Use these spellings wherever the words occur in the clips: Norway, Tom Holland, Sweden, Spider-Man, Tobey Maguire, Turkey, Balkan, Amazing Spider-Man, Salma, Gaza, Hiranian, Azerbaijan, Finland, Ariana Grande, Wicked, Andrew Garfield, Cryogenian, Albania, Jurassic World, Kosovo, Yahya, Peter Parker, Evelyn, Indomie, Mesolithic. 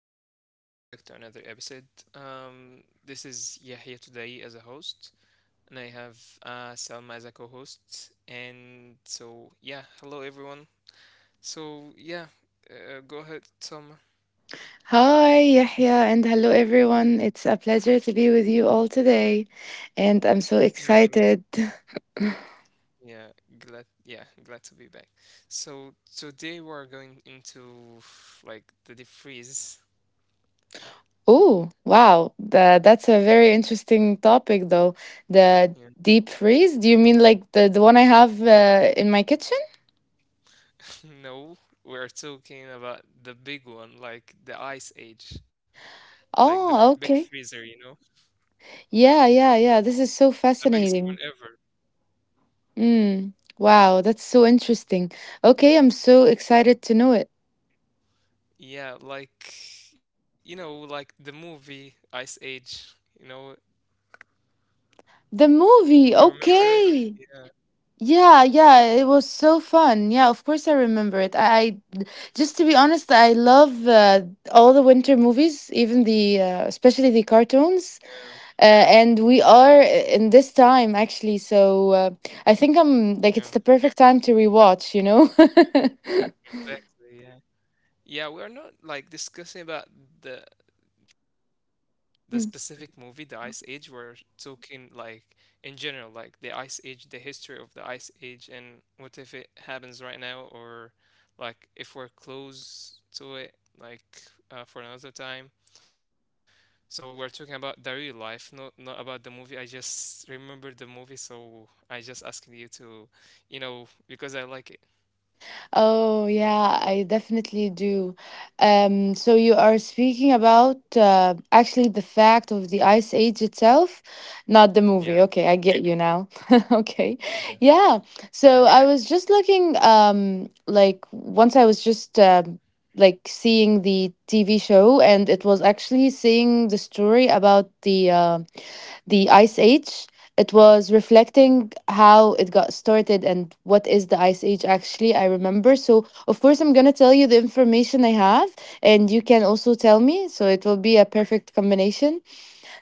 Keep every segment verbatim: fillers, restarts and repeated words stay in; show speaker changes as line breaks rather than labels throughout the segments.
Hi everyone, welcome back to another episode. Um, this is Yahya today as a host, and I have uh, Salma as a co-host. And so, yeah, hello everyone. So, yeah, uh, go ahead, Salma.
Hi, Yahya, and hello, everyone. It's a pleasure to be with you all today, and I'm so
Yeah, me
excited.
too. Yeah, glad. Yeah, glad to be back. So today we're going into like the deep freeze.
Oh, wow. Tha- that's a very interesting topic, though. The
Yeah.
deep freeze? Do you mean like the, the one I have uh, in my kitchen?
No, we're talking about the big one, like the ice age,
Oh,
like the big
okay.
freezer. You know,
Yeah, yeah, yeah. This is so
the
fascinating.
biggest one.
Mm, wow, that's so interesting. Okay, I'm so excited to know it.
Yeah, like you know, like the movie Ice Age, you know,
The movie,
you remember
okay.
it? Yeah,
Yeah, yeah, it was so fun. Yeah, of course I remember it. I, I just to be honest, I love uh, all the winter movies, even the uh, especially the cartoons.
yeah,
Uh, and we are uh, in this time actually so uh, i think I'm like it's the perfect
yeah,
time to rewatch you know
exactly, yeah. Yeah, we're not like discussing about the the specific movie, the Ice Age. We're talking like in general, like the Ice Age, the history of the Ice Age, and what if it happens right now, or like if we're close to it, like uh, for another time. So we're talking about the real life, not not about the movie. I just remember the movie, so I just asking you to, you know, because I like it.
Oh, yeah, I definitely do. Um, so you are speaking about uh, actually the fact of the Ice Age itself, not the movie. Okay, I
Yeah,
get you now. Okay.
yeah,
Yeah. So I
yeah,
was just looking um like once I was just um like seeing the T V show, and it was actually seeing the story about the uh, the ice age. It was reflecting how it got started and what is the ice age actually I remember. So of course I'm going to tell you the information I have, and you can also tell me, so it will be a perfect combination.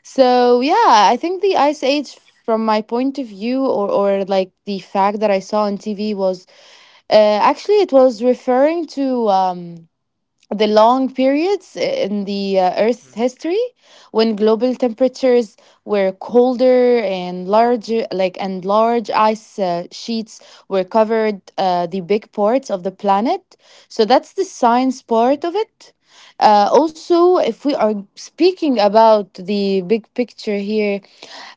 So yeah, I think the ice age from my point of view, or, or like the fact that I saw on T V was uh, actually it was referring to um, the long periods in the uh, Earth's history
mm,
when global temperatures were colder and larger, like and large ice uh, sheets were covered uh, the big parts of the planet. So that's the science part of
yeah,
it. Uh, also, if we are speaking about the big picture here,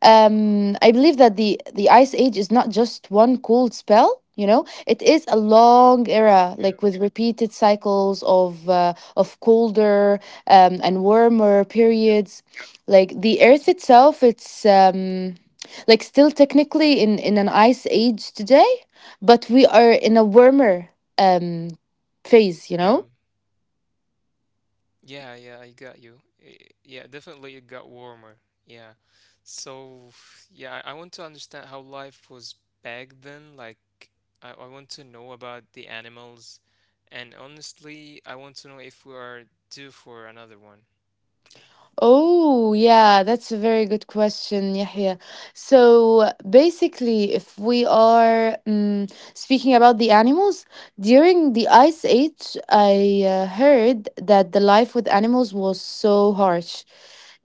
um, I believe that the the Ice Age is not just one cold spell. You know, it is a long era,
yeah,
like with repeated cycles of uh, of colder um, and warmer periods. Like the Earth itself, it's um, like still technically in in an ice age today, but we are in a warmer um, phase. You
yeah,
know.
yeah, yeah. I got you. Eh, Yeah, definitely it got warmer. Yeah. So yeah, I, I want to understand how life was back then. Like, I, I want to know about the animals, and honestly, I want to know if we are due for another one.
Oh, yeah, that's a very good question, Yahya. So basically, if we are um, speaking about the animals, during the Ice Age, I uh, heard that the life with animals was so harsh,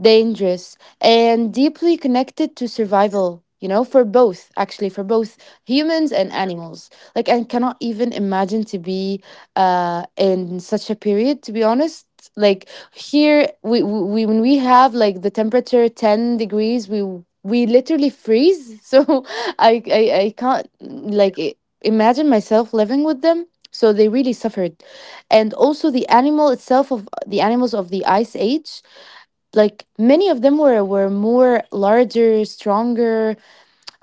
dangerous, and deeply
Yeah,
connected to survival, you know, for both, actually, for both humans and
yeah,
animals. Like, I cannot even imagine to be uh, in such a period, to be honest. Like, here we, we when we have like the temperature ten degrees we we literally freeze. So, I, I i can't like i- imagine myself living with them. So they really suffered. And also the animal itself, of the animals of the ice age, like many of them were were more larger, stronger.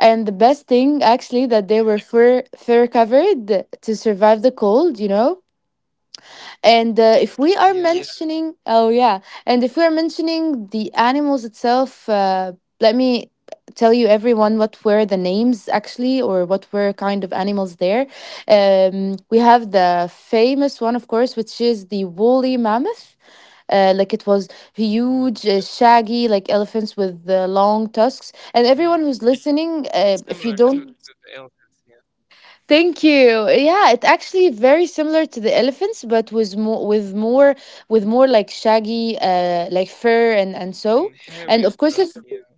And the best thing actually that they
yeah,
were fur fur covered to survive the cold, you know. And uh, if we are Yeah.
Yeah,
mentioning, oh yeah, and if we are mentioning the animals itself, uh, let me tell you everyone what were the names actually, or what were kind of animals there. Um, we have the famous one, of course, which is the woolly mammoth. Uh, like it was
yeah.
huge, uh, shaggy, like elephants with the long tusks. And everyone
Mm.
who's listening, uh,
It's
if you
similar to,
don't
to the elephants, yeah.
Thank you. Yeah, it's actually very similar to the elephants, but with more with more with more like shaggy, uh, like fur and and so.
And
And of
hairy
course, it's,
stuff, yeah,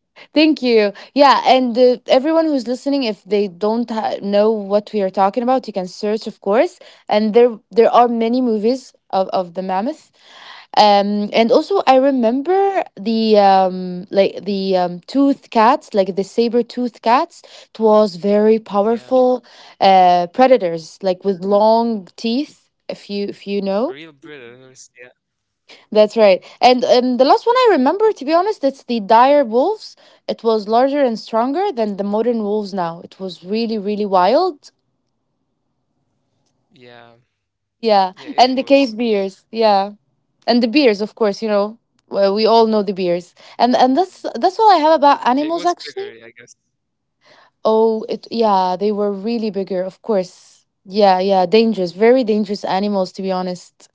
thank you. Yeah, and uh, everyone who's listening, if they don't ha- know what we are talking about, you can search, of course. And there there are many movies of of the mammoth. Um and also I remember the um like the um tooth cats, like the saber tooth cats. It was very
yeah,
powerful uh predators, like with
yeah.
long teeth, if you if you know.
Real predators, yeah.
That's right. And um the last one I remember, to be honest, it's the dire wolves. It was larger and stronger than the modern wolves now. It was really really wild.
Yeah,
Yeah,
yeah,
and the
it
cave
was.
bears, yeah, and the beers, of course, you know. Well, we all know the beers.
Mm.
And and that's that's all I have
It
about
was
animals
bigger, I
actually.
guess.
Oh it yeah, they were really bigger, of course. Yeah, yeah, dangerous, very dangerous animals, to be honest.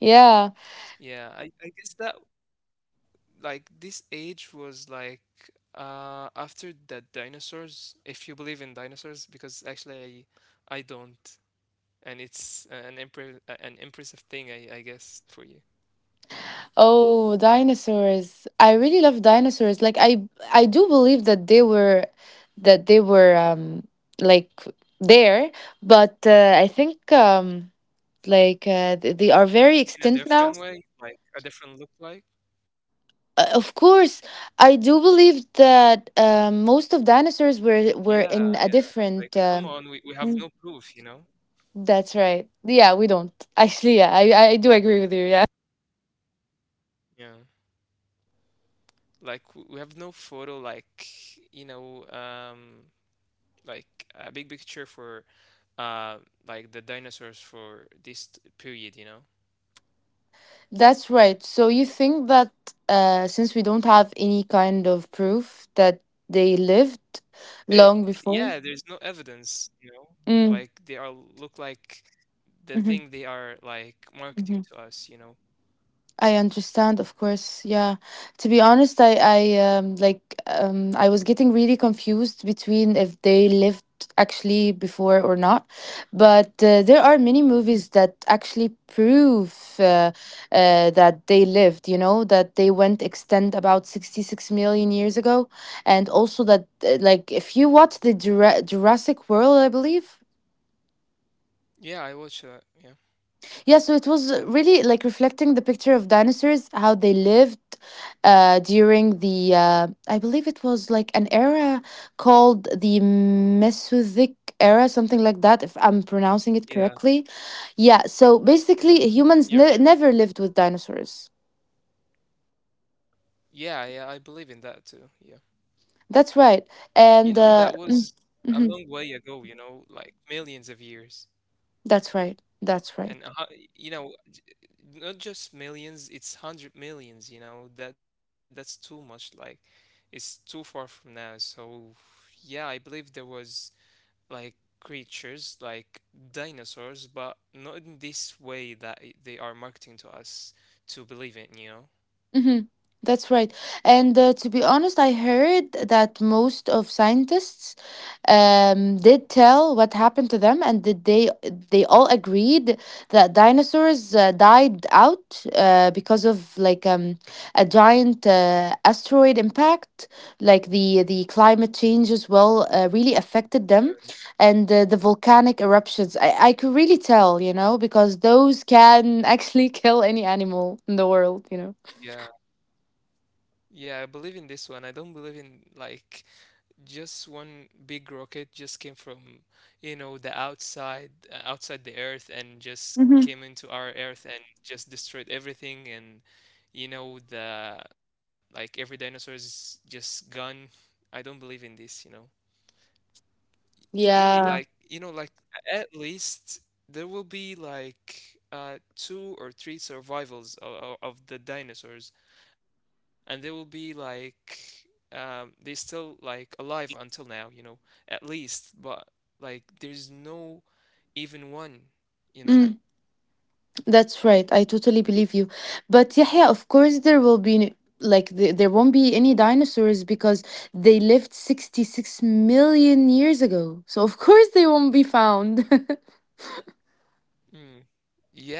Yeah.
Yeah, I, I guess that, like, this age was like uh after the dinosaurs, if you believe in dinosaurs, because actually I I don't, and it's a- an impre- a- an impressive thing, I I guess, for you.
Oh, dinosaurs, I really love dinosaurs. Like i i do believe that they were, that they were um like there. But uh, i think um like uh, th- they are very
In a
extinct now.
different way, like a different look like.
Uh, of course, I do believe that uh, most of dinosaurs were were
Yeah,
in
yeah.
a
Like, come
different.
on,
Uh,
we, we have no
mm,
proof, you know?
that's right. Yeah, we don't actually. Yeah, I I do agree with you. Yeah,
Yeah. Like, w- we have no photo, like, you know, um, like a big picture for, uh, like the dinosaurs for this t- period, you know?
that's right. So you think that uh, since we don't have any kind of proof that they lived
Eh,
long
yeah, there's no
before.
evidence, you know? Like, they
Mm.
are look like the thing they
Hmm.
are like marketing to us, you know?
I understand, of course. Yeah. To be honest, I I um like um I was getting really confused between if they lived actually before or not. But uh, there are many
Mm.
movies that actually prove uh, uh that they lived, you know, that they went extent about sixty-six million years ago. And also that uh, like if you watch the Jura- Jurassic World, I believe,
Yeah, I watch that. Yeah.
yeah, so it was really like reflecting the picture of dinosaurs, how they lived uh, during the, uh, I believe it was like an era called the Mesolithic era, something like that, if I'm pronouncing it
Yeah,
correctly. Yeah, so
yeah.
basically, humans
You're
ne-
correct.
never lived with dinosaurs.
Yeah, yeah, I believe in that too. Yeah.
That's right.
You know,
And
that
uh,
was
mm,
a long
mhm,
way ago, you know, like millions of years.
that's right. That's right.
And a hu- you know, not just millions, it's hundred millions, you know. That that's too much, like it's too far from now. So yeah, I believe there was like creatures like dinosaurs, but not in this way that i- they are marketing to us to believe in, you know.
Hmm. That's right. And uh, to be honest, I heard that most of scientists um, did tell what happened to them, and that they they all agreed that dinosaurs uh, died out uh, because of like um, a giant uh, asteroid impact, like the the climate change as well uh, really affected them, and uh, the volcanic eruptions. I, I could really tell, you know, because those can actually kill any animal in the world, you know.
Yeah. Yeah, I believe in this one. I don't believe in like just one big rocket just came from you know the outside uh, outside the earth and just
Mm-hmm.
came into our earth and just destroyed everything and you know the like every dinosaur is just gone. I don't believe in this you know. You mean like,
Yeah,
you know, like at least there will be like uh two or three survivals of, of the dinosaurs, and they will be like um they still like alive until now, you know, at least, but like there's no even one, you know.
mm, that's right. I totally believe you. But Yahya, of course, there will be n- like the, there won't be any dinosaurs because they lived sixty-six million years ago. So of course they won't be found.
Mm.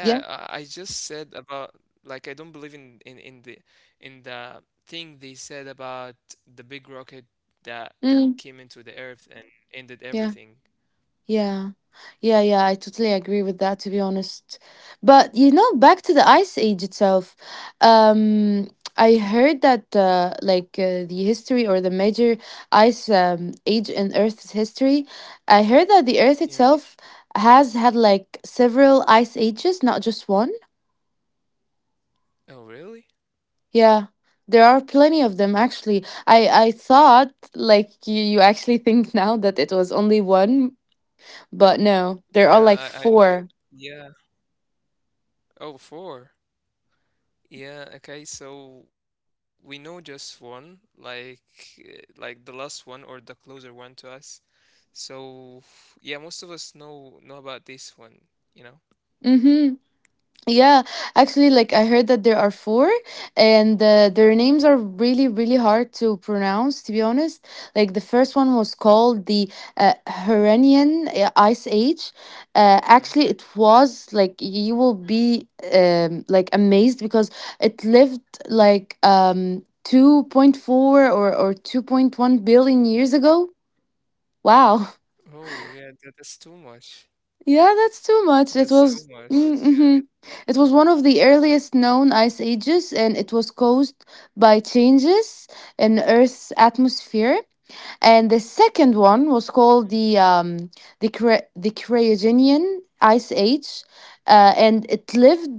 Yeah.
I I just said about like I don't believe in in in the in the thing they said about the big rocket that
Mm,
came into the earth and ended
yeah.
everything.
Yeah. Yeah, yeah, I totally agree with that, to be honest. But you know, back to the ice age itself. Um I heard that uh, like uh, the history or the major ice um, age in Earth's history, I heard that the Earth
Yeah.
itself has had like several ice ages, not just one.
Oh, really?
Yeah. There are plenty of them, actually. I I thought like you, you actually think now that it was only one, but no, there are like
Yeah, I, I
four.
yeah. Oh, four. Yeah, okay. So we know just one, like uh, like the last one or the closer one to us. So yeah, most of us know know about this one, you know.
Mhm. Yeah, actually, like I heard that there are four, and uh, their names are really, really hard to pronounce, to be honest. Like the first one was called the uh, Hiranian uh, Ice Age. Uh, actually, it
Mm.
was like you will be um, like amazed because it lived like um two point four or or two point one billion years ago. Wow.
Oh, yeah, that, that's too
Yeah,
much.
that's too much. It was
That's
mm,
too
mm-hmm.
much.
It
Yeah.
was one of the earliest known ice ages, and it was caused by changes in Earth's atmosphere. And the second one was called the um the Cre- the Cryogenian ice age, uh, and it lived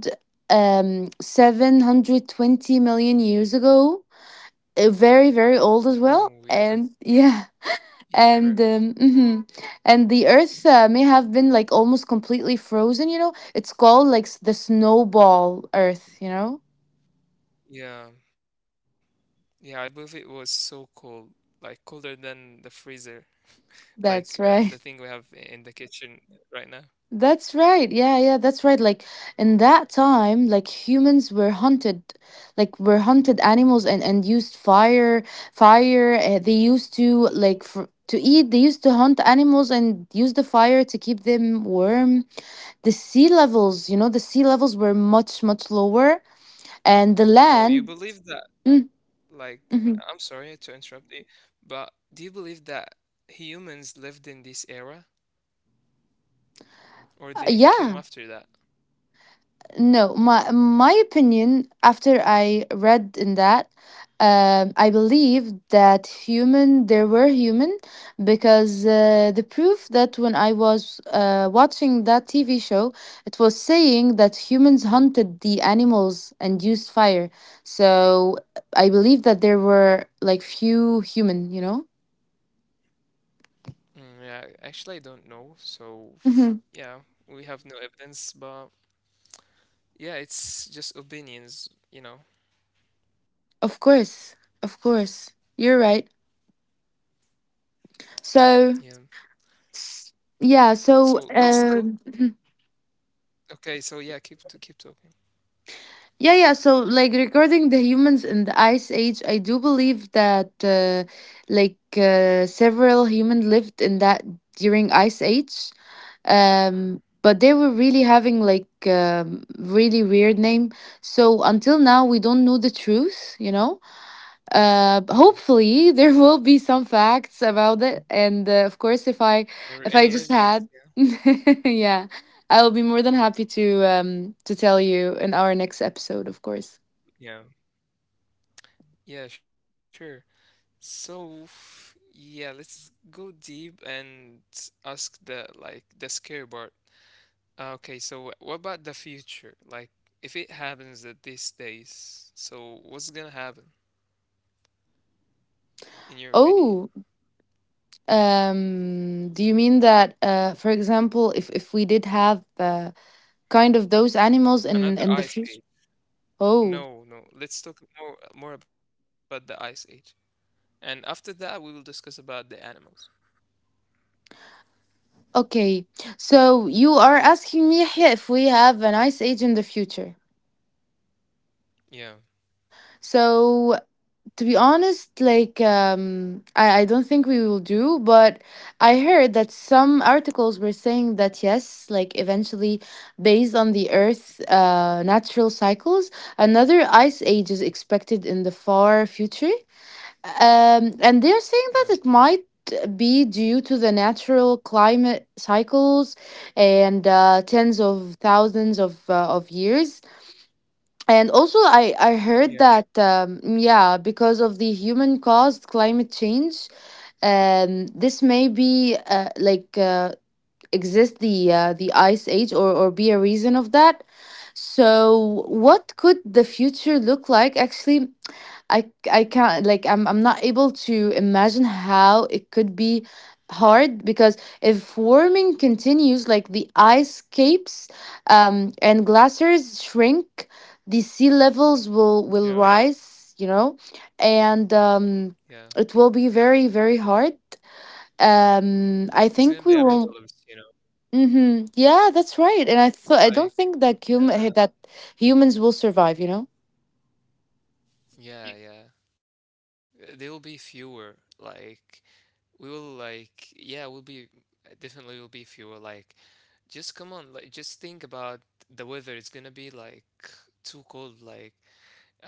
um seven hundred twenty million years ago. Uh, very very old as well.
Mhm. Oh, yeah,
And
that's
yeah and
yeah, very
um,
old.
mhm. And the earth uh, may have been like almost completely frozen, you know. It's called like s- the snowball earth, you know.
Yeah. Yeah, I believe it was so cold, like colder than the freezer,
That's
like uh,
right.
the thing we have in the kitchen right now.
That's right. Yeah, yeah, that's right. Like in that time, like humans were hunted, like were hunted animals, and and used fire. Fire uh, they used to like for, to eat. They used to hunt animals and use the fire to keep them warm. The sea levels, you know, the sea levels were much much lower, and the land.
So you
Mm,
believe that,
mhm.
like, I'm sorry to interrupt you, but do you believe that humans lived in this era
Uh, yeah,
or they came after that?
no, my my opinion after I read in that, um, I believe that human there were human, because uh, the proof that when I was uh, watching that T V show, it was saying that humans hunted the animals and used fire. So I believe that there were like few human, you know.
Mm, yeah, actually, I don't know.
Hmm.
So, yeah, we have no evidence, but yeah, it's just opinions, you know.
Of course, of course, you're right. So
Yeah.
S- yeah, so
So
um
let's go. Okay, so yeah, keep to keep talking.
yeah, yeah, so like regarding the humans in the ice age, I do believe that uh, like uh, several humans lived in that during ice age. Um but they
Mhm.
were really having like um really weird name. So until now we don't know the truth, you know? Uh, hopefully
Yeah,
there will be some facts about it, and uh, of course, if i if i just
or
had
any evidence. Yeah,
yeah, I'll be more than happy to um to tell you in our next episode, of course.
yeah, yeah, sure. So f- yeah, let's go deep and ask the like the scary part. Uh, okay, so what about the future? Like, if it happens at these days, so what's gonna happen
Oh,
in your opinion?
um do you mean that, uh for example, if if we did have uh, kind of those animals in in the future?
Another ice age?
Oh,
No, no. Let's talk more more about the ice age, and after that we will discuss about the animals.
okay, so you are asking me, Yahya, if we have an ice age in the future.
Yeah,
So to be honest, like um, I, I don't think we will do, but I heard that some articles were saying that yes, like eventually, based on the Earth's uh, natural cycles, another ice age is expected in the far future. Um, and they're saying that it
yeah,
might be due to the natural climate cycles and uh, tens of thousands of uh, of years. And also, I, I heard that, um,
yeah.
yeah, because of the human caused climate change, um, this may be uh, like uh, exist the uh, the ice age, or, or be a reason of that. So, what could the future look like? Actually, I I can't, like I'm I'm not able to imagine how it could be hard because if warming continues, like the ice capes um and glaciers shrink, the sea levels will will
Yeah,
rise, you know. And um it will be
yeah.
very very hard. um I think we
It's
will
gonna be apocalypse, you know.
mhm, yeah, that's right. And I thought, I don't think that
Like,
human that
yeah,
humans will survive, you know.
yeah, yeah. Uh, There will be fewer. Like, we will like, yeah, we'll be definitely will be fewer. Like, just come on, like, just think about the weather. It's gonna be like too cold, like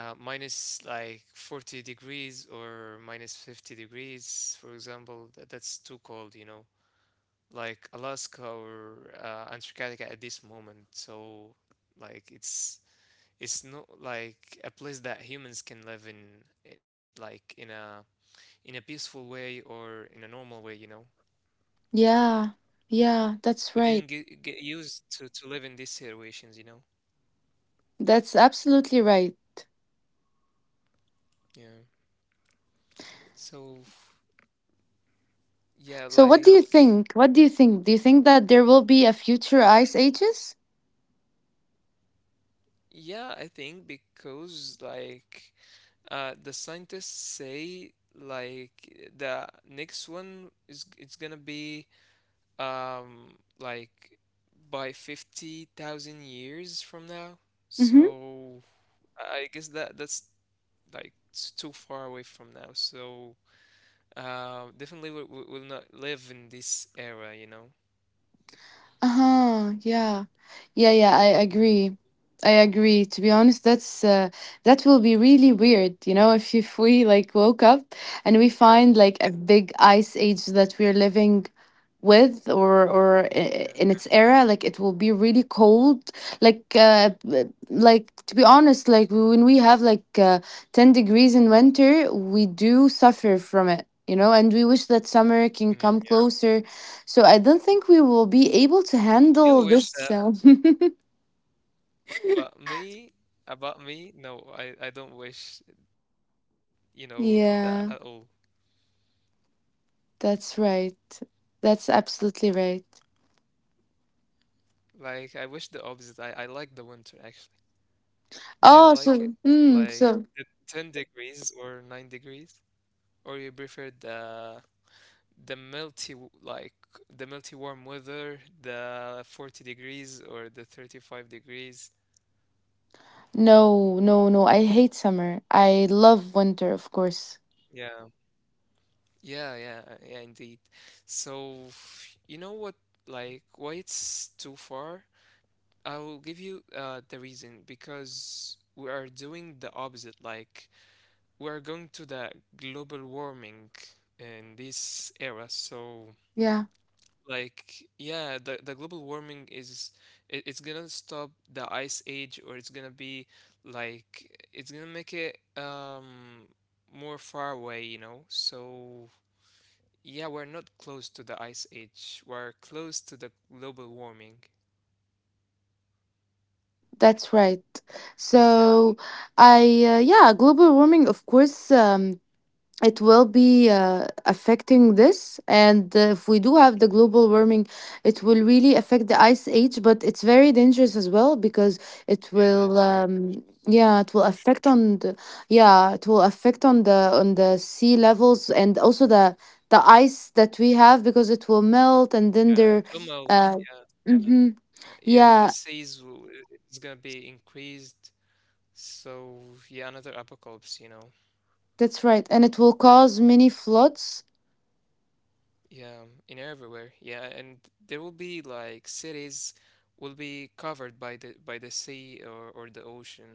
uh, minus like forty degrees or minus fifty degrees, for example. That, that's too cold, you know. Like Alaska or uh, Antarctica at this moment. So, like, it's it's not like a place that humans can live in it, like in a in a peaceful way or in a normal way you know
Yeah, yeah, that's
we didn't
right.
get, get used to to live in these situations you know.
That's absolutely right.
Yeah so yeah
So what do you
like
think? What do you think? Do you think that there will be a future ice ages?
yeah I think because like uh the scientists say like the next one is it's gonna be um like by fifty thousand years from now.
Mm-hmm.
So I guess that that's like it's too far away from now. So uh, definitely we, we will not live in this era, you know.
Uh-huh. Yeah. Yeah, yeah, I agree. I agree. To be honest, that's uh, that will be really weird, you know, if if we like woke up and
Yeah.
we find like a big ice age that we're living with, or or i- in its era. Like it will be really cold, like uh like to be honest, like when we have like uh, ten degrees in winter, we do suffer from it, you know, and we wish that summer
Mm,
can
yeah.
come closer. So I don't think we will be able to
You
handle
wish
this,
that,
so
but me, about me, no, I, I don't wish, you know, that at all.
yeah, that's right, that's absolutely right.
Like, I wish the opposite. I, I like the winter, actually. Do you
Oh,
like it?
so mm,
Like,
so
the ten degrees or nine degrees? Or you prefer the the melty w- like the melty warm weather, the forty degrees or the thirty-five degrees.
no, no, no, I hate summer, I love winter, of course,
Yeah. Yeah, yeah, uh, yeah, indeed. So, you know what, like, why it's too far? I'll give you uh the reason because we are doing the opposite. Like, we are going to the global warming in this era. So,
yeah.
like yeah the, the global warming is it, it's gonna stop the ice age or it's gonna be like it's gonna make it um more far away you know. So yeah we're not close to the ice age, we're close to the global warming.
That's right.
Yeah
So, I uh, yeah, global warming, of course, um, it will be uh, affecting this, and uh, if we do have the global warming, it will really affect the ice age. But it's very dangerous as well because it
yeah it's
will,
very
um,
dangerous
yeah, it
for,
will
for sure.
affect on the yeah, it will affect on the on the sea levels and also the the ice that we have because it will
Yeah it
melt.
will
And then
melt
there,
yeah.
uh,
Uh,
mhm.
yeah and the seas
Yeah,
will, it's gonna be increased. So yeah another apocalypse you know.
that's right. And it will cause many floods.
Yeah, in everywhere. Yeah, and there will be like cities will be covered by the by the sea or or the ocean.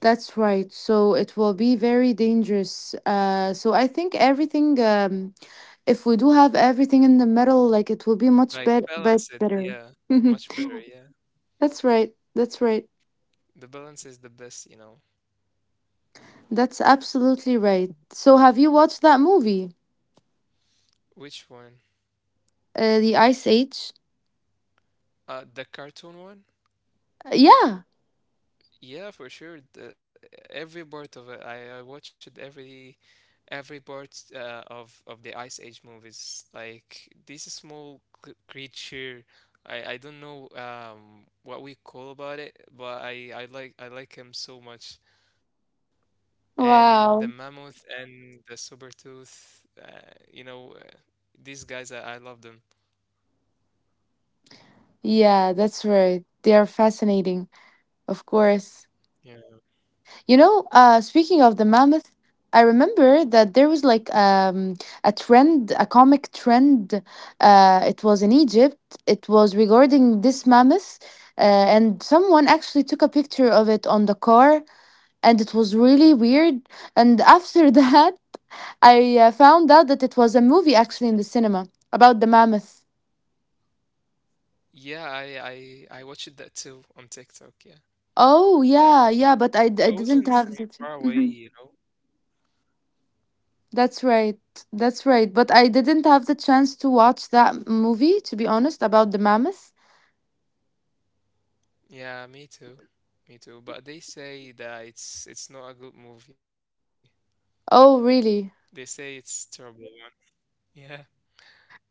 That's right. So it will be very dangerous. Uh, so I think everything, um, if we do have everything in the middle, like it will be much
Like
bet- bet-
balance it.
better.
Yeah, much better. Yeah,
That's right. That's right.
the balance is the best, you know.
That's absolutely right. So have you watched that movie,
Which one?
uh, The Ice Age?
Uh, the cartoon one?
Yeah.
Yeah, for sure. The, every part of it, I, I watched every every part uh, of of the Ice Age movies. Like this small c- creature, I I don't know um what we call about it, but I I like I like him so much. And the
Wow.
mammoth and the saber tooth, uh, you know, uh, these guys, I, I love them.
Yeah, that's right. They are fascinating, of course.
Yeah.
You know, uh, speaking of the mammoth, I remember that there was like um, a trend, a comic trend. Uh, it was in Egypt. It was regarding this mammoth, uh, and someone actually took a picture of it on the car, and it was really weird. And after that, I uh, found out that it was a movie actually in the cinema about the mammoth.
Yeah, I I I watched that too on TikTok. Yeah,
Oh yeah, yeah, but
that
I I d- I
wasn't from
didn't have
far
that.
away, you know.
That's right. That's right. But I didn't have the chance to watch that movie, to be honest, about the mammoth.
Yeah, me too. Me too. But they say that it's it's not a good movie.
Oh,
They say
really?
it's terrible one. Yeah,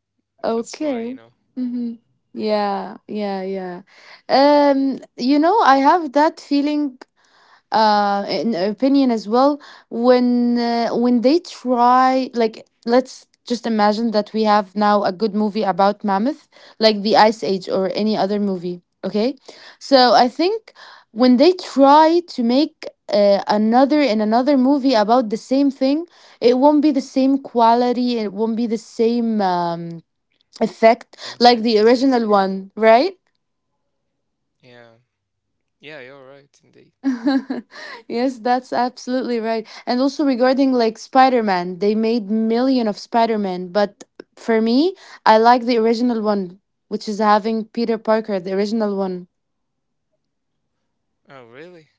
that's why, you know.
Okay. Mm-hmm. Yeah, yeah, yeah. Um, you know, I have that feeling uh, in opinion as well when uh, when they try, like let's just imagine that we have now a good movie about mammoth like the ice age or any other movie, okay? So I think when they try to make uh, another and another movie about the same thing, it won't be the same quality, it won't be the same um, effect like the
Exactly, yeah.
original one, right?
Yeah. Yeah, you're right indeed.
Yes, that's absolutely right. And also regarding like Spider-Man, they made million of Spider-Man, but for me, I like the original one, which is having Peter Parker, the original one.
Oh, really?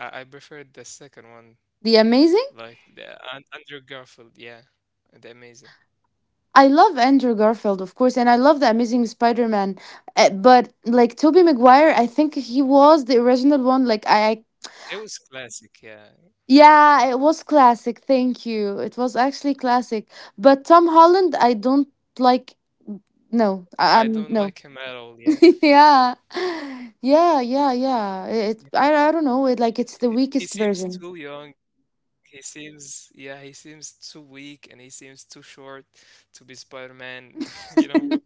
I I preferred the second one,
The amazing?
like the Un- Andrew Garfield, yeah. The amazing.
I love Andrew Garfield, of course, and I love the Amazing Spider-Man. uh, But like Tobey Maguire, I think he was the original one. Like I, I
He was classic, yeah.
yeah, it was classic. Thank you. It was actually classic. But Tom Holland, I don't like. No, I,
I
I'm
don't
no.
like him at all, yeah.
yeah. Yeah, yeah, yeah. It,
Yeah.
I I don't know, it like it's the
He, he
weakest
seems
version.
too young, he seems yeah, he seems too weak and he seems too short to be Spider-Man, you know.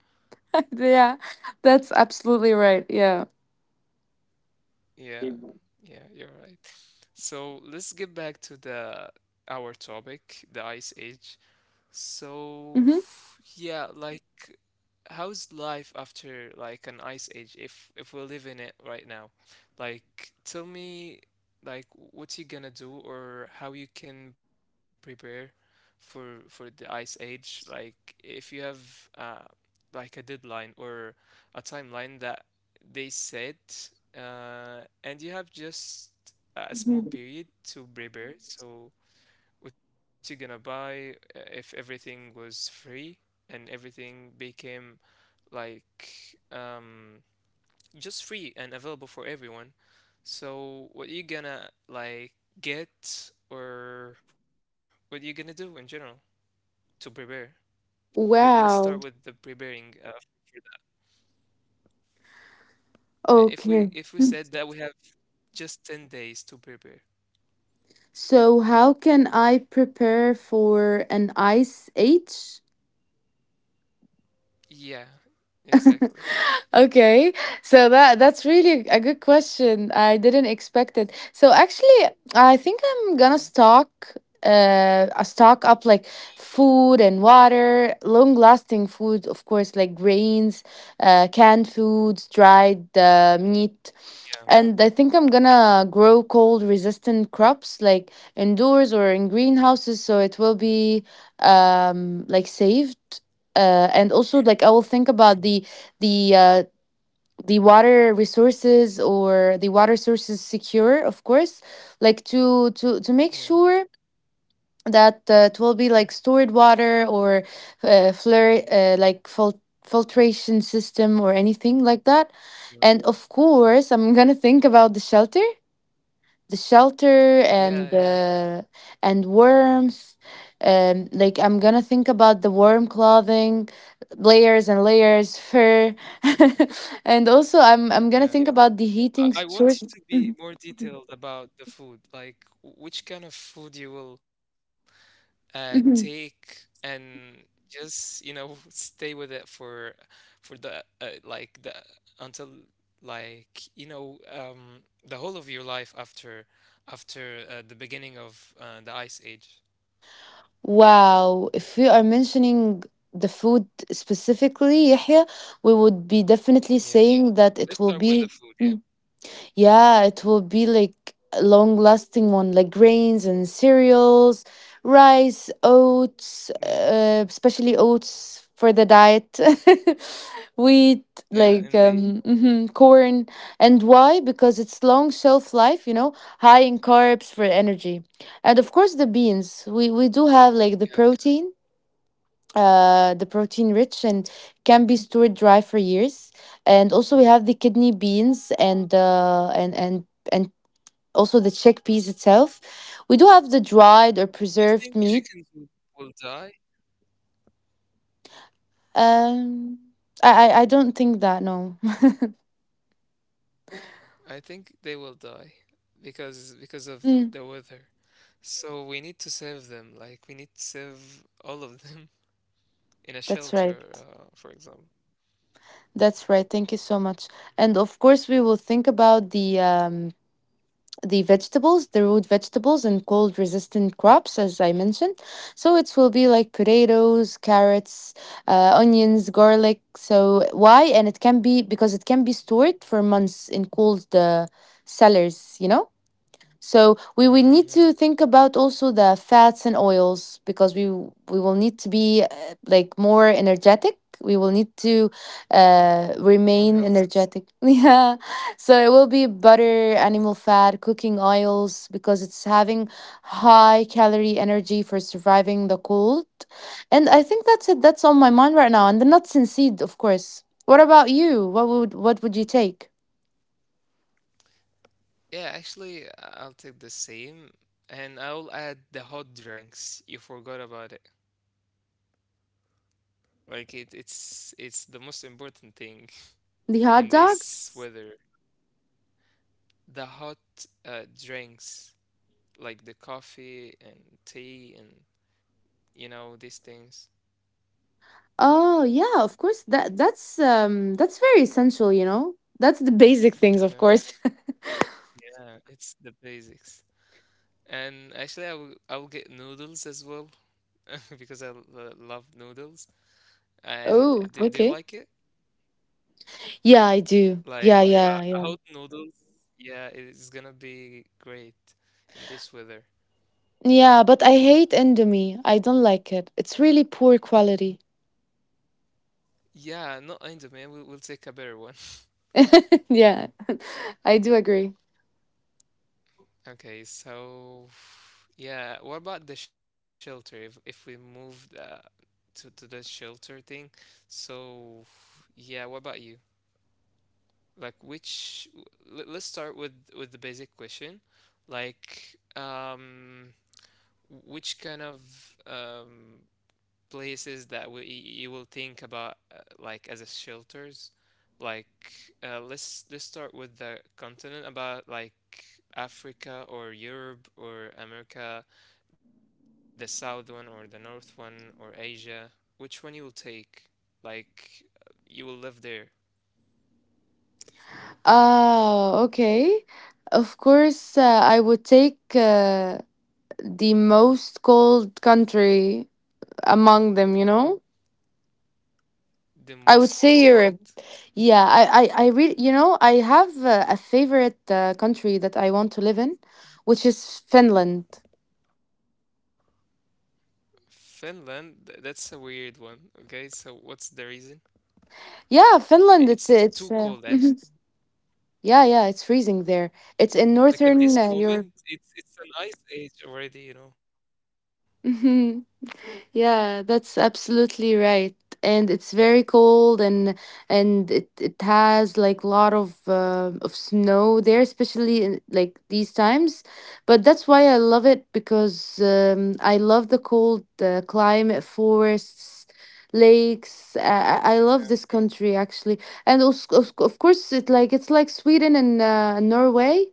Yeah. That's absolutely right. Yeah.
Yeah, yeah, you're right. So let's get back to the our topic, the Ice Age. So,
Mhm.
yeah, like how's life after like an ice age if if we live in it right now? Like tell me like what you gonna do or how you can prepare for for the ice age like if you have uh like a deadline or a timeline that they said uh and you have just a
Mhm.
small period to prepare so what you gonna buy uh, if everything was free and everything became like um, just free and available for everyone? So what you gonna like get or what you gonna do in general to prepare? Th- Let's start with the
Wow.
preparing uh, for that. Uh, If we
Okay.
if we said that we have just ten days to prepare.
So how can I prepare for an ice age?
Yeah, exactly.
Okay, so that that's really a good question. I didn't expect it. So actually, I think I'm gonna stock uh I stock up, like food and water, long lasting food, of course, like grains, uh, canned foods, dried uh, meat.
Yeah.
And I think I'm gonna grow cold resistant crops like indoors or in greenhouses, so it will be um like saved. Uh, and also like I will think
Mhm.
about the the uh, the water resources or the water sources secure, of course, like to to to make
Yeah.
sure that uh, it will be like stored water or uh, flare uh, like fil- filtration system or anything like that.
Yeah.
And of course, I'm gonna think about the shelter, the shelter and
Yeah, yeah.
uh, and warmth. Um, like I'm gonna think about the warm clothing, layers and layers, fur, and also I'm I'm gonna think
Yeah.
about the
So
heating
I I
source.
want you to
Mhm,
be more detailed about the food, like w- which kind of food you will uh,
mhm.
take and just, you know, stay with it for for the uh, like the until like, you know, um, the whole of your life after after uh, the beginning of uh, the ice age.
Wow, if we are mentioning the food specifically, Yahya, we would be definitely
Yeah.
saying that it
Let's
will
start with
be.
the food, yeah.
Yeah, it will be like a long lasting one, like grains and cereals, rice,
Yeah,
oats, uh, especially oats for the diet, wheat,
yeah,
like
indeed.
um, mhm, corn. And why? Because it's long shelf life, you know, high in carbs for energy. And of course, the beans. We, we
Yeah,
do have like the protein uh, the protein rich, and
yeah.
can be stored dry for years. And also we have the kidney beans and uh, and and and also the chickpeas itself. We do have the dried or
You
preserved
think
meat.
chickens will, will die?
Um, I I, I don't think that, no.
I think they will die because because of
Mm,
the weather. So we need to save them. Like we need to save all of them in a
that's right.
shelter, uh, for example.
That's right. Thank you so much. And of course, we will think about the um, the vegetables, the root vegetables, and cold resistant crops, as I mentioned. So it will be like potatoes, carrots, uh, onions, garlic. So why? And it can be because it can be stored for months in cold uh, cellars, you know? So we will need
Mm, you
to
know,
think about also the fats and oils because we we will need to be uh, like more energetic. We will need to uh, remain
more healthy.
energetic. Yeah. So it will be butter, animal fat, cooking oils because it's having high calorie energy for surviving the cold. And I think that's it. That's on my mind right now. And the nuts and seed, of course. What about you? What would what would you take?
Yeah, actually, I- I'll take the same, and I'll add the hot drinks. You forgot about it. Like it, it's it's the most important thing
The hot
in this
dogs?
weather. The hot uh, drinks, like the coffee and tea, and you know these things.
Oh yeah, of course. That that's um that's very essential, you know? That's the basic things, of
Yeah.
course.
Yeah, it's the basics. And actually, I will I will get noodles as well because I lo- love noodles. And
Oh,
do, do you
okay.
like it?
Yeah, I do. Yeah,
Like uh,
yeah, yeah.
hot noodles? Yeah, it's gonna be great in this weather.
Yeah, but I hate Indomie. I don't like it. It's really poor quality.
Yeah, not Indo, man. We'll we'll take a better one.
Yeah, I do agree.
Okay, so yeah, what about the shelter? If if we move the, to to the shelter thing, so yeah, what about you? Like which, let's start with with the basic question, like um which kind of um places that we, you will think about, uh, like as a shelters. Like uh, let's let's start with the continent, about like Africa or Europe or America, the south one or the north one or Asia, which one you will take, like you will live there.
Ah, okay. Of course, uh, I would take uh, the most cold country among them, you know?
The
I would
most
say
cold.
Europe. Yeah, I, I, I really, you know, I have a, a favorite uh, country that I want to live in, which is Finland.
Finland, th- that's a weird one. Okay, so what's the reason? I-
Yeah,
It's
Finland.
too
It's
cold,
it's
actually.
uh, mhm. Yeah, yeah, it's freezing there. It's in
Like at this
northern uh,
moment,
Europe.
it's it's an ice age already, you know.
Yeah, that's absolutely right. And it's very cold, and and it, it has like a lot of uh, of snow there, especially in like these times. But that's why I love it because um, I love the cold uh, climate, forests, lakes. I, I I love this country actually. And also, of of course it like it's like Sweden and uh, Norway,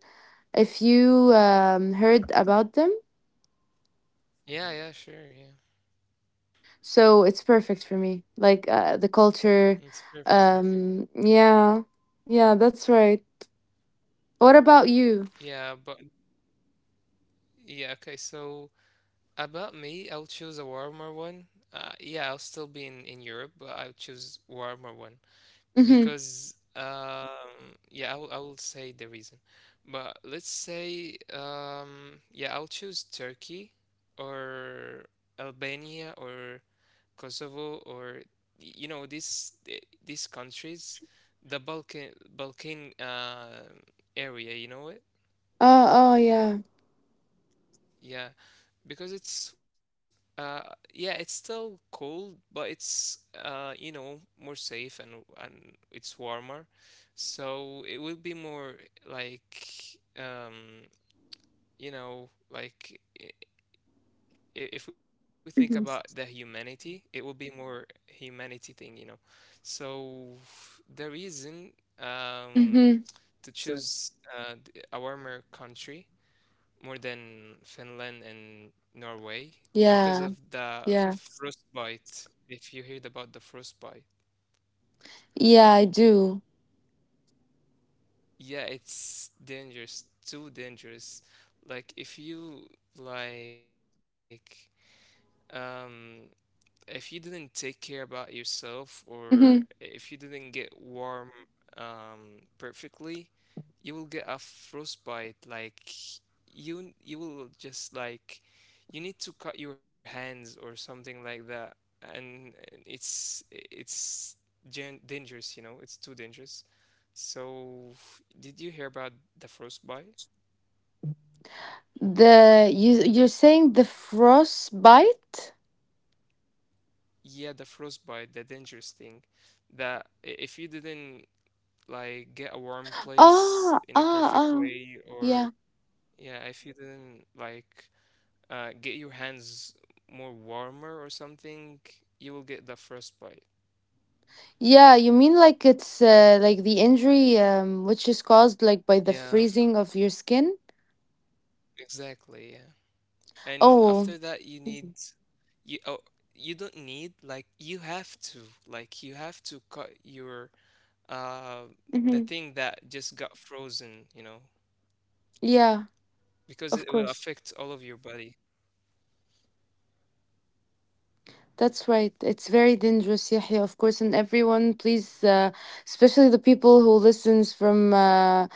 if you um, heard about them.
Yeah, yeah, sure, yeah.
So it's perfect for me. Like uh, the culture.
It's perfect. Yeah,
Um, yeah. Yeah, that's right. What about you?
yeah, but yeah, okay. So about me, I'll choose a warmer one. Uh, yeah, I'll still be in in Europe, but I'll choose warmer one.
Mm-hmm.
Because um yeah I will, I will say the reason, but let's say, um yeah, I'll choose Turkey or Albania or Kosovo, or y- you know this th- these countries, the Balkan Balkan uh area, you know it.
Oh, oh, yeah.
Yeah, because it's uh yeah, it's still cold, but it's, uh you know, more safe and and it's warmer, so it will be more like, um you know, like i- i- if we think about the humanity, it will be more humanity thing, you know. So the reason, um
Mm-hmm.
to choose, uh, th- a warmer country more than Finland and Norway, because
Yeah.
of the
Yeah.
frostbite. If you heard about the frostbite,
Yeah, I do.
yeah, it's dangerous, too dangerous. Like if you, like, um if you didn't take care about yourself, or if you
Mm-hmm.
didn't get warm um perfectly, you will get a frostbite. Like you you will just like, you need to cut your hands or something like that, and it's it's gen- dangerous, you know, it's too dangerous. So did you hear about the frostbite?
The you you're saying the frostbite?
Yeah, the frostbite, the dangerous thing that i- if you didn't like get a warm place
Ah,
in a
ah,
perfect
ah.
way, or
Yeah.
yeah, if you didn't like uh, get your hands more warmer or something, you will get the frostbite.
Yeah, you mean like it's uh, like the injury um which is caused like by the
Yeah,
freezing of your skin?
exactly. Yeah. And
Oh.
after that, you need, you oh, you don't need, like you have to, like you have to cut your uh the
Mm-hmm.
thing that just got frozen, you know,
Yeah.
because
Of
it will
course.
affect all of your body.
That's right. It's very dangerous, Yahya, of course. And everyone, please, uh, especially the people who listens from uh,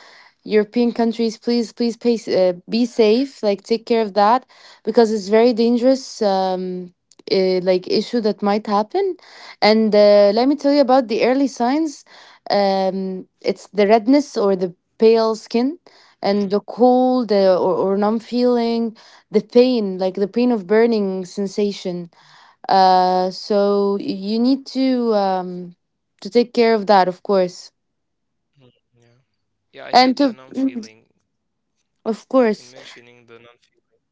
European countries, please, please pay, uh, be safe. Like, take care of that because it's very dangerous, um, uh, like, issue that might happen. And uh, let me tell you about the early signs. Um, it's the redness or the pale skin,
Mhm.
and the cold uh, or, or numb feeling, the pain, like the pain of burning sensation. Uh, so you need to um to take care of that, of course,
Yeah. Yeah, I
and
hate the
to
numb
mm,
feeling
of
in
course,
mentioning the numb feeling.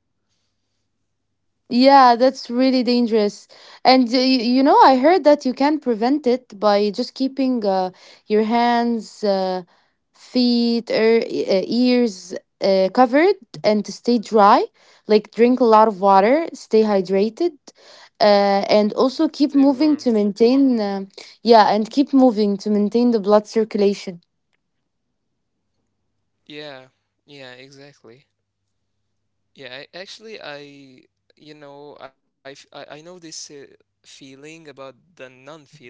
yeah, that's really dangerous. And uh, y- you know, I heard that you can prevent it by just keeping uh, your hands, uh, feet, or ears uh, covered, and to stay dry. Like drink a lot of water, stay hydrated, uh, and also keep
Stay
moving
warm.
to maintain. Uh, yeah, and keep moving to maintain the blood circulation.
Yeah. Yeah, exactly. Yeah, I, actually I you know, I f- I, I know this uh, feeling about the numb feeling.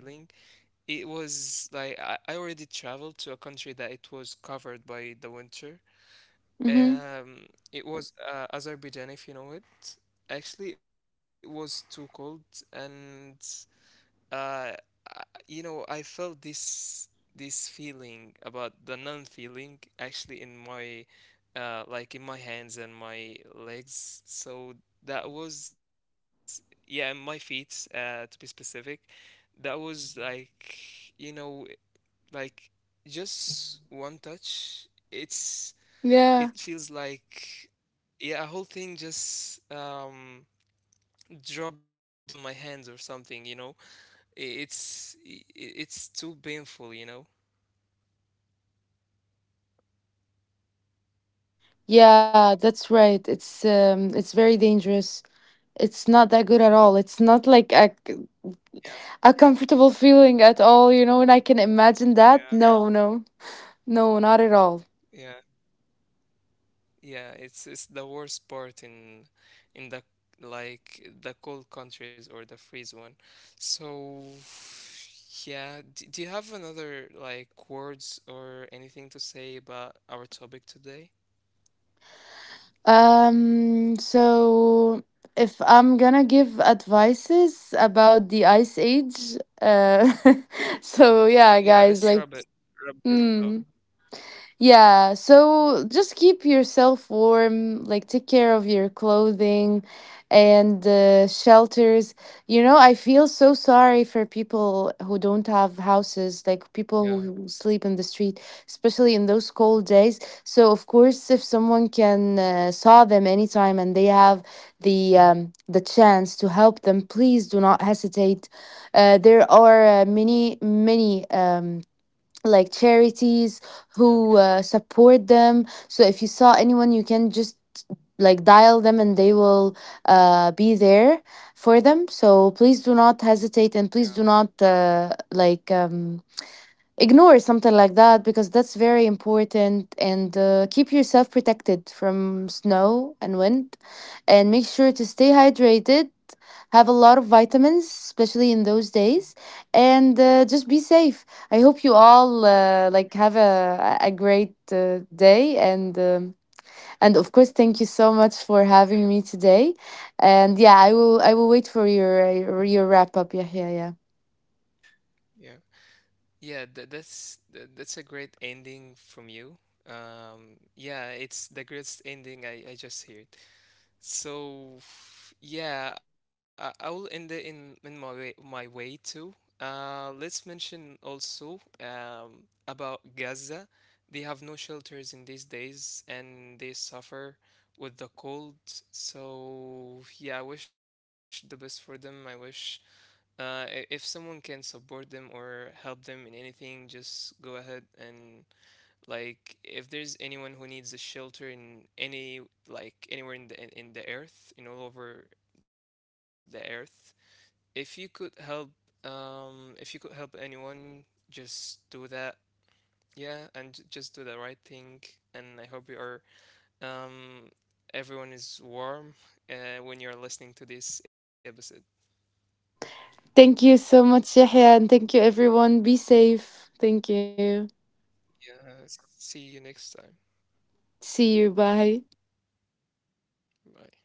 It was like I, I already traveled to a country that it was covered by the winter.
Mm-hmm.
Um, it was uh, Azerbaijan, if you know it. Actually, it was too cold, and uh, I- you know, I felt this this feeling about the non-feeling actually in my uh like in my hands and my legs. So that was, yeah, and my feet uh to be specific. That was like, you know, like just one touch, it's, it
Yeah.
feels like, yeah, a whole thing just um dropped on my hands or something, you know? I- It's i- i- it's too painful, you know?
Yeah, that's right. It's um, it's very dangerous. It's not that good at all. It's not like a,
Yeah,
a comfortable feeling at all, you know, and I can imagine that.
yeah.
No, no, no, not at all.
Yeah, yeah, it's it's the worst part in in the like the cold countries or the freeze one. So yeah, d do you have another like words or anything to say about our topic today?
Um, so if I'm gonna give advices about the ice age, uh, so yeah,
Yeah,
guys,
let's
like,
rub it, rub this out.
mm. Yeah, so just keep yourself warm, like take care of your clothing and uh, shelters. You know, I feel so sorry for people who don't have houses, like people
Yeah,
who sleep in the street, especially in those cold days. So of course, if someone can uh, saw them anytime and they have the um, the chance to help them, please do not hesitate. Uh, there are uh, many, many. Um, like charities
yeah,
who uh, support them. So if you saw anyone, you can just like dial them, and they will uh, be there for them. So please do not hesitate, and
yeah,
please do not uh, like um, ignore something like that because that's very important. And uh, keep yourself protected from snow and wind, and make sure to stay hydrated, have a lot of vitamins, especially in those days, and uh, just be safe. I hope you all uh, like have a a great uh, day, and um, and of course, thank you so much for
yeah,
having me today. And yeah, I will I will wait for your uh, your wrap up, Yahya. Yeah.
yeah. Yeah, that, that's tha- that's a great ending from you. Um, yeah, it's the greatest ending I, I just heard. So yeah, I, I will end it in in my way my way too. Uh, let's mention also um, about Gaza. They have no shelters in these days, and they suffer with the cold. So yeah, I wish the best for them. I wish, uh, i- if someone can support them or help them in anything, just go ahead. And like, if there's anyone who needs a shelter in any, like, anywhere in the in, in the earth, in all over the earth, if you could help, um, if you could help anyone, just do that. Yeah, and j- just do the right thing. And I hope you are, um, everyone is warm, uh, when you're listening to this episode.
Thank you so much, Yahya, and thank you everyone. Be safe. Thank you.
Yeah, see you next time.
See you. Bye.
Bye.